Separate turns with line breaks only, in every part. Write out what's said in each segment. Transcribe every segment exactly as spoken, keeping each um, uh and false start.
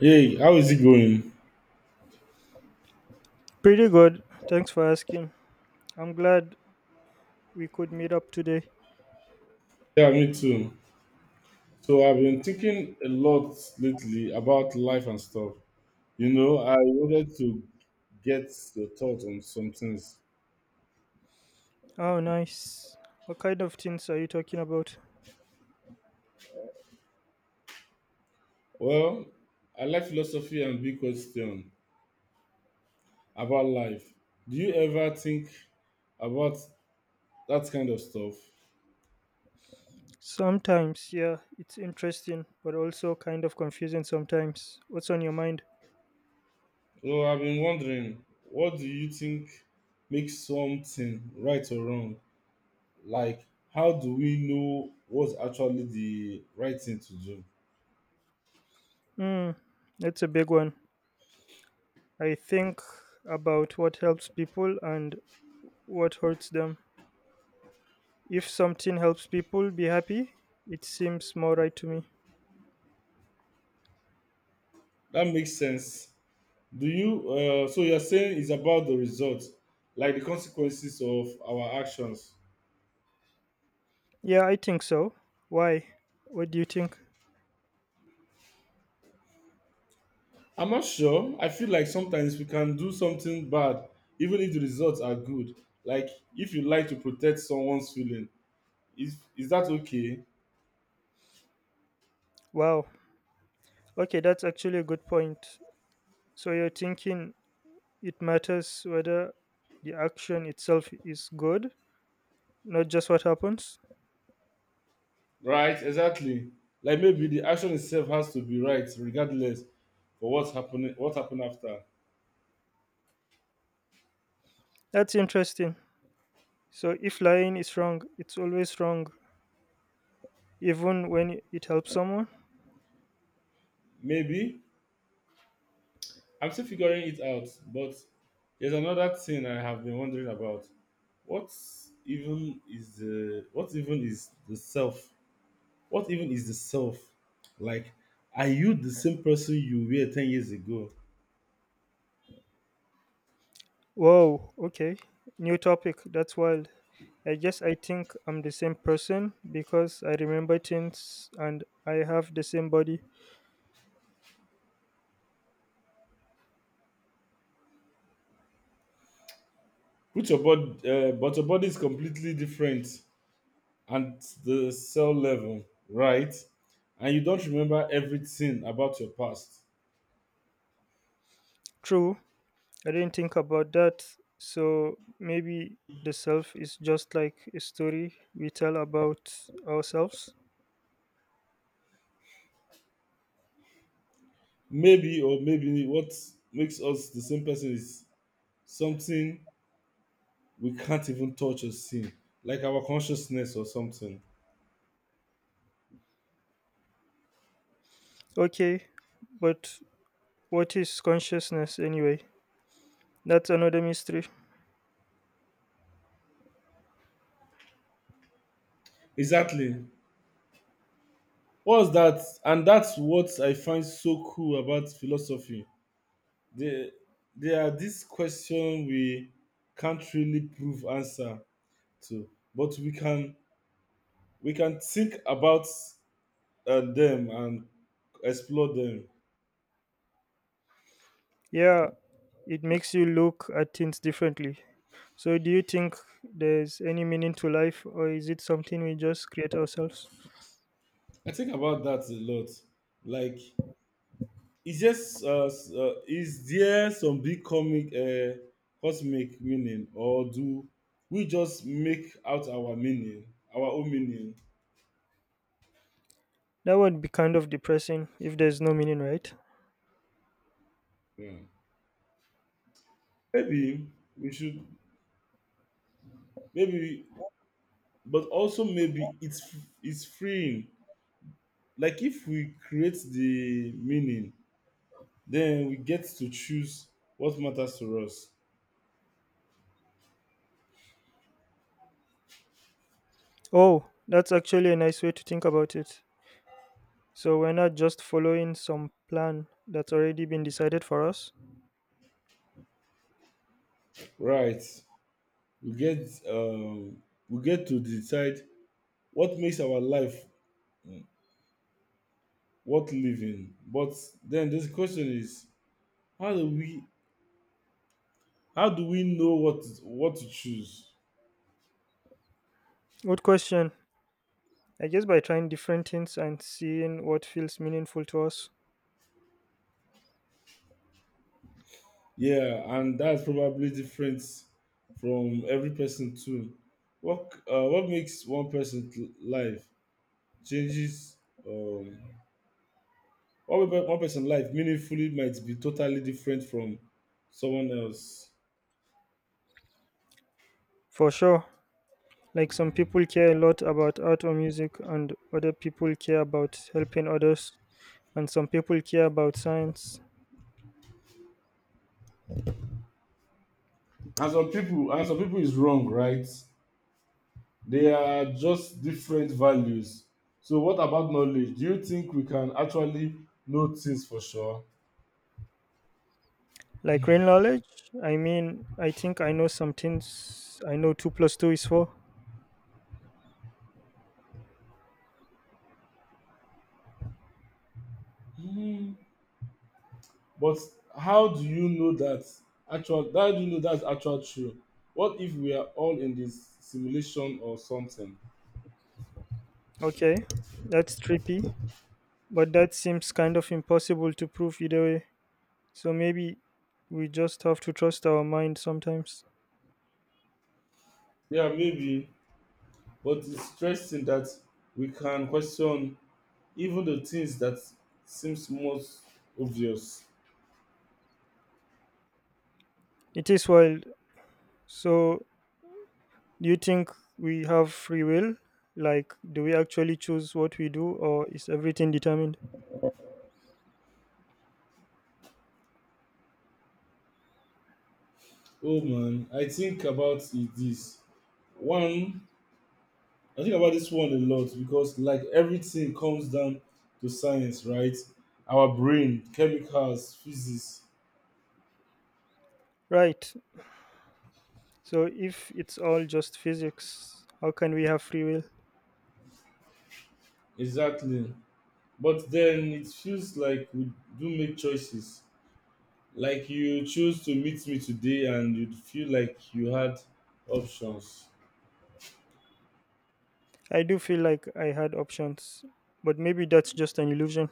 Hey, how is it going?
Pretty good. Thanks for asking. I'm glad we could meet up today.
Yeah, me too. So I've been thinking a lot lately about life and stuff. You know, I wanted to get your thought on some things.
Oh, nice. What kind of things are you talking about?
Well, I like philosophy and big question about life. Do you ever think about that kind of stuff?
Sometimes, yeah, it's interesting, but also kind of confusing sometimes. What's on your mind?
So I've been wondering, what do you think makes something right or wrong? Like, how do we know what's actually the right thing to do?
Hmm, that's a big one. I think about what helps people and what hurts them. If something helps people be happy, it seems more right to me.
That makes sense. Do you? Uh, so you're saying it's about the results, like the consequences of our actions.
Yeah, I think so. Why? What do you think?
I'm not sure. I feel like sometimes we can do something bad, even if the results are good. Like if you like to protect someone's feeling, is is that okay?
Wow. Okay, that's actually a good point. So you're thinking it matters whether the action itself is good, not just what happens?
Right? Exactly. Like maybe the action itself has to be right, regardless for what's happening. What happened after?
That's interesting. So if lying is wrong, it's always wrong, even when it helps someone?
Maybe I'm still figuring it out, but there's another thing I have been wondering about. What even is the what even is the self? What even is the self? Like, are you the same person you were ten years ago?
Whoa, okay. New topic. That's wild. I guess I think I'm the same person because I remember things and I have the same body.
Put your body, uh, but your body is completely different at the cell level, right? And you don't remember everything about your past.
True, I didn't think about that. So maybe the self is just like a story we tell about ourselves.
Maybe, or maybe what makes us the same person is something we can't even touch or see, like our consciousness or something.
Okay, but what is consciousness anyway? That's another mystery.
Exactly. What's that? And that's what I find so cool about philosophy. There, there are these questions we can't really prove answer to, but we can we can think about uh, them and explore them.
Yeah, it makes you look at things differently. So do you think there's any meaning to life or is it something we just create ourselves?
I think about that a lot. Like, is just uh, s- uh, uh, is there some big comic uh, cosmic meaning, or do we just make out our meaning, our own meaning?
That would be kind of depressing if there's no meaning, right?
Yeah. Maybe we should maybe but also Maybe it's it's freeing. Like if we create the meaning, then we get to choose what matters to us.
Oh, that's actually a nice way to think about it. So we're not just following some plan that's already been decided for us?
Right. We get um we get to decide what makes our life worth living. But then this question is how do we how do we know what what to choose?
Good question. I guess by trying different things and seeing what feels meaningful to us.
Yeah, and that's probably different from every person too. What uh, what makes one person's life changes um what makes one person's life meaningfully might be totally different from someone else.
For sure. Like some people care a lot about art or music, and other people care about helping others, and some people care about science.
And some people and some people is wrong, right? They are just different values. So what about knowledge? Do you think we can actually know things for sure?
Like real knowledge, I mean, I think I know some things. I know two plus two is four.
Hmm. But how do you know that actual how do you know that's actual true? What if we are all in this simulation or something?
Okay, that's trippy, but that seems kind of impossible to prove either way. So maybe we just have to trust our mind sometimes.
Yeah, maybe. But it's interesting that we can question even the things that seems most obvious.
It is wild. So do you think we have free will? Like, do we actually choose what we do, or is everything determined?
Oh man, I think about it this. One, I think about this one a lot because like everything comes down to science, right? Our brain, chemicals, physics.
Right. So if it's all just physics, how can we have free will?
Exactly. But then it feels like we do make choices. Like you choose to meet me today and you feel like you had options.
I do feel like I had options, but maybe that's just an illusion.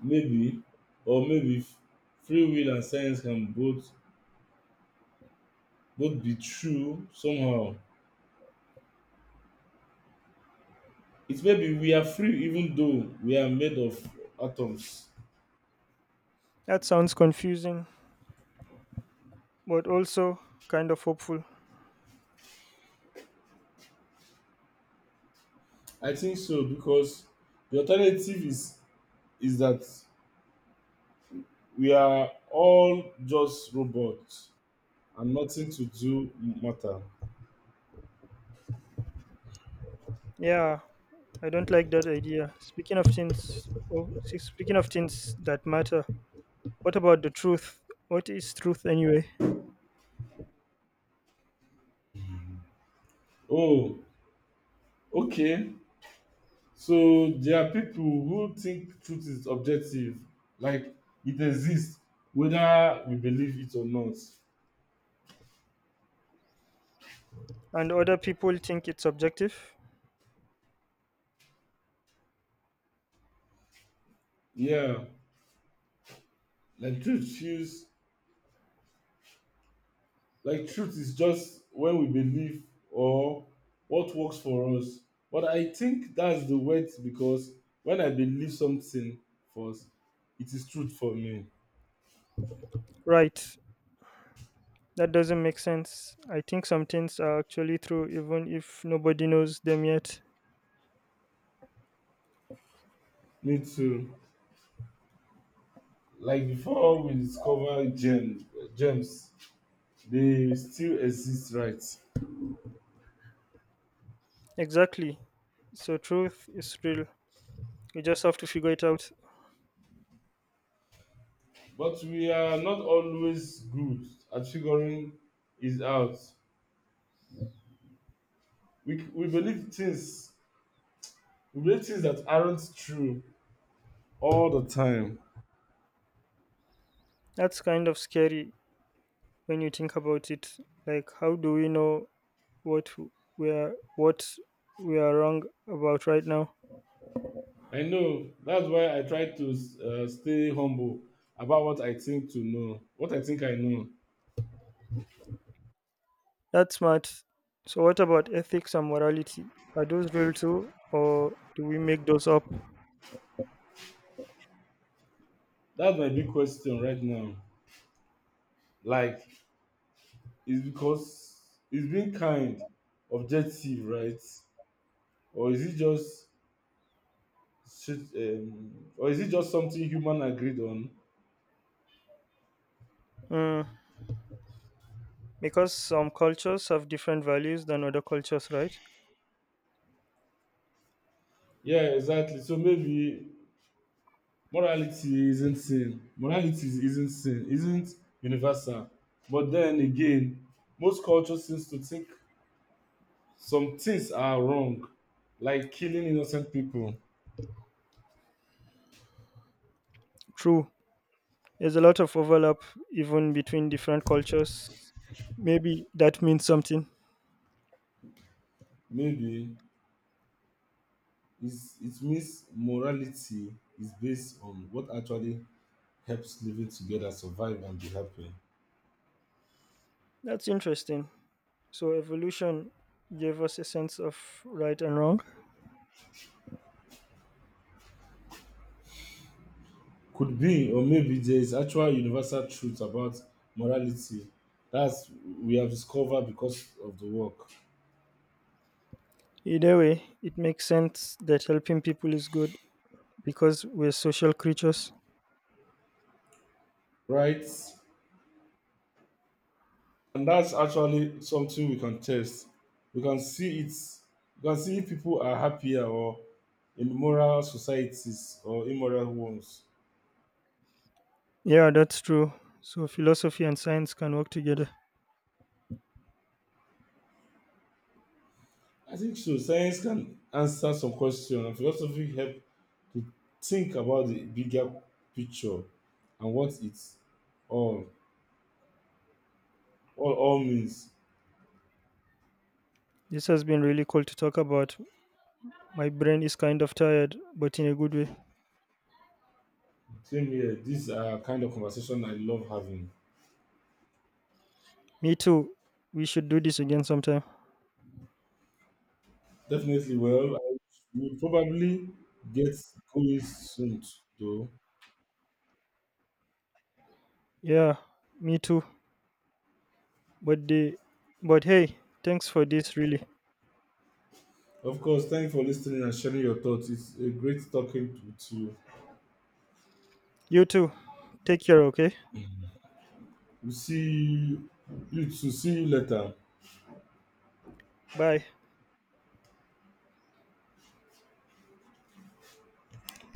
Maybe, or maybe f- free will and science can both both be true somehow. It may be we are free even though we are made of atoms.
That sounds confusing, but also kind of hopeful.
I think so because the alternative is is that we are all just robots and nothing to do matter.
Yeah, I don't like that idea. Speaking of things, oh, see, speaking of things that matter, what about the truth? What is truth anyway?
Oh, okay, so there are people who think truth is objective, like it exists whether we believe it or not.
And other people think it's subjective?
Yeah, like truth feels like truth is just when we believe or what works for us. But I think that's the word because when I believe something first, it is truth for me.
Right. That doesn't make sense. I think some things are actually true even if nobody knows them yet.
Me too. Like before we discover gems, gems, they still exist, right?
Exactly. So truth is real. You just have to figure it out.
But we are not always good at figuring it out. We, we believe things we believe things that aren't true all the time.
That's kind of scary when you think about it. Like how do we know what we are, what we are wrong about right now?
I know that's why I try to uh, stay humble about what I think to know, what I think I know.
That's smart. So, what about ethics and morality? Are those real too, or do we make those up?
That's my big question right now. Like, is because it's being kind, objective, right? Or is it just shit, um, or is it just something human agreed on?
Mm, because some cultures have different values than other cultures, right?
Yeah, exactly. So maybe morality isn't sin. Morality is- isn't sin, isn't universal. But then again, most culture seems to think some things are wrong, like killing innocent people.
True. There's a lot of overlap even between different cultures. Maybe that means something.
Maybe it's it means morality is based on what actually helps living together survive and be happy.
That's interesting. So, evolution gave us a sense of right and wrong.
Could be, or maybe there is actual universal truth about morality that's we have discovered because of the work.
Either way, it makes sense that helping people is good because we're social creatures.
Right? And that's actually something we can test. We can see it. We can see if people are happier or in moral societies or immoral ones.
Yeah, that's true. So philosophy and science can work together.
I think so. Science can answer some questions, and philosophy help to think about the bigger picture and what it's all all, all means.
This has been really cool to talk about. My brain is kind of tired, but in a good way.
Same here. These are kind of conversation I love having.
Me too. We should do this again sometime.
Definitely. Well, I will probably get going soon, though.
Yeah, me too. But the but hey, thanks for this, really.
Of course, thanks for listening and sharing your thoughts. It's a great talking to, to you.
You too. Take care, okay?
We see you, you to see you later.
Bye.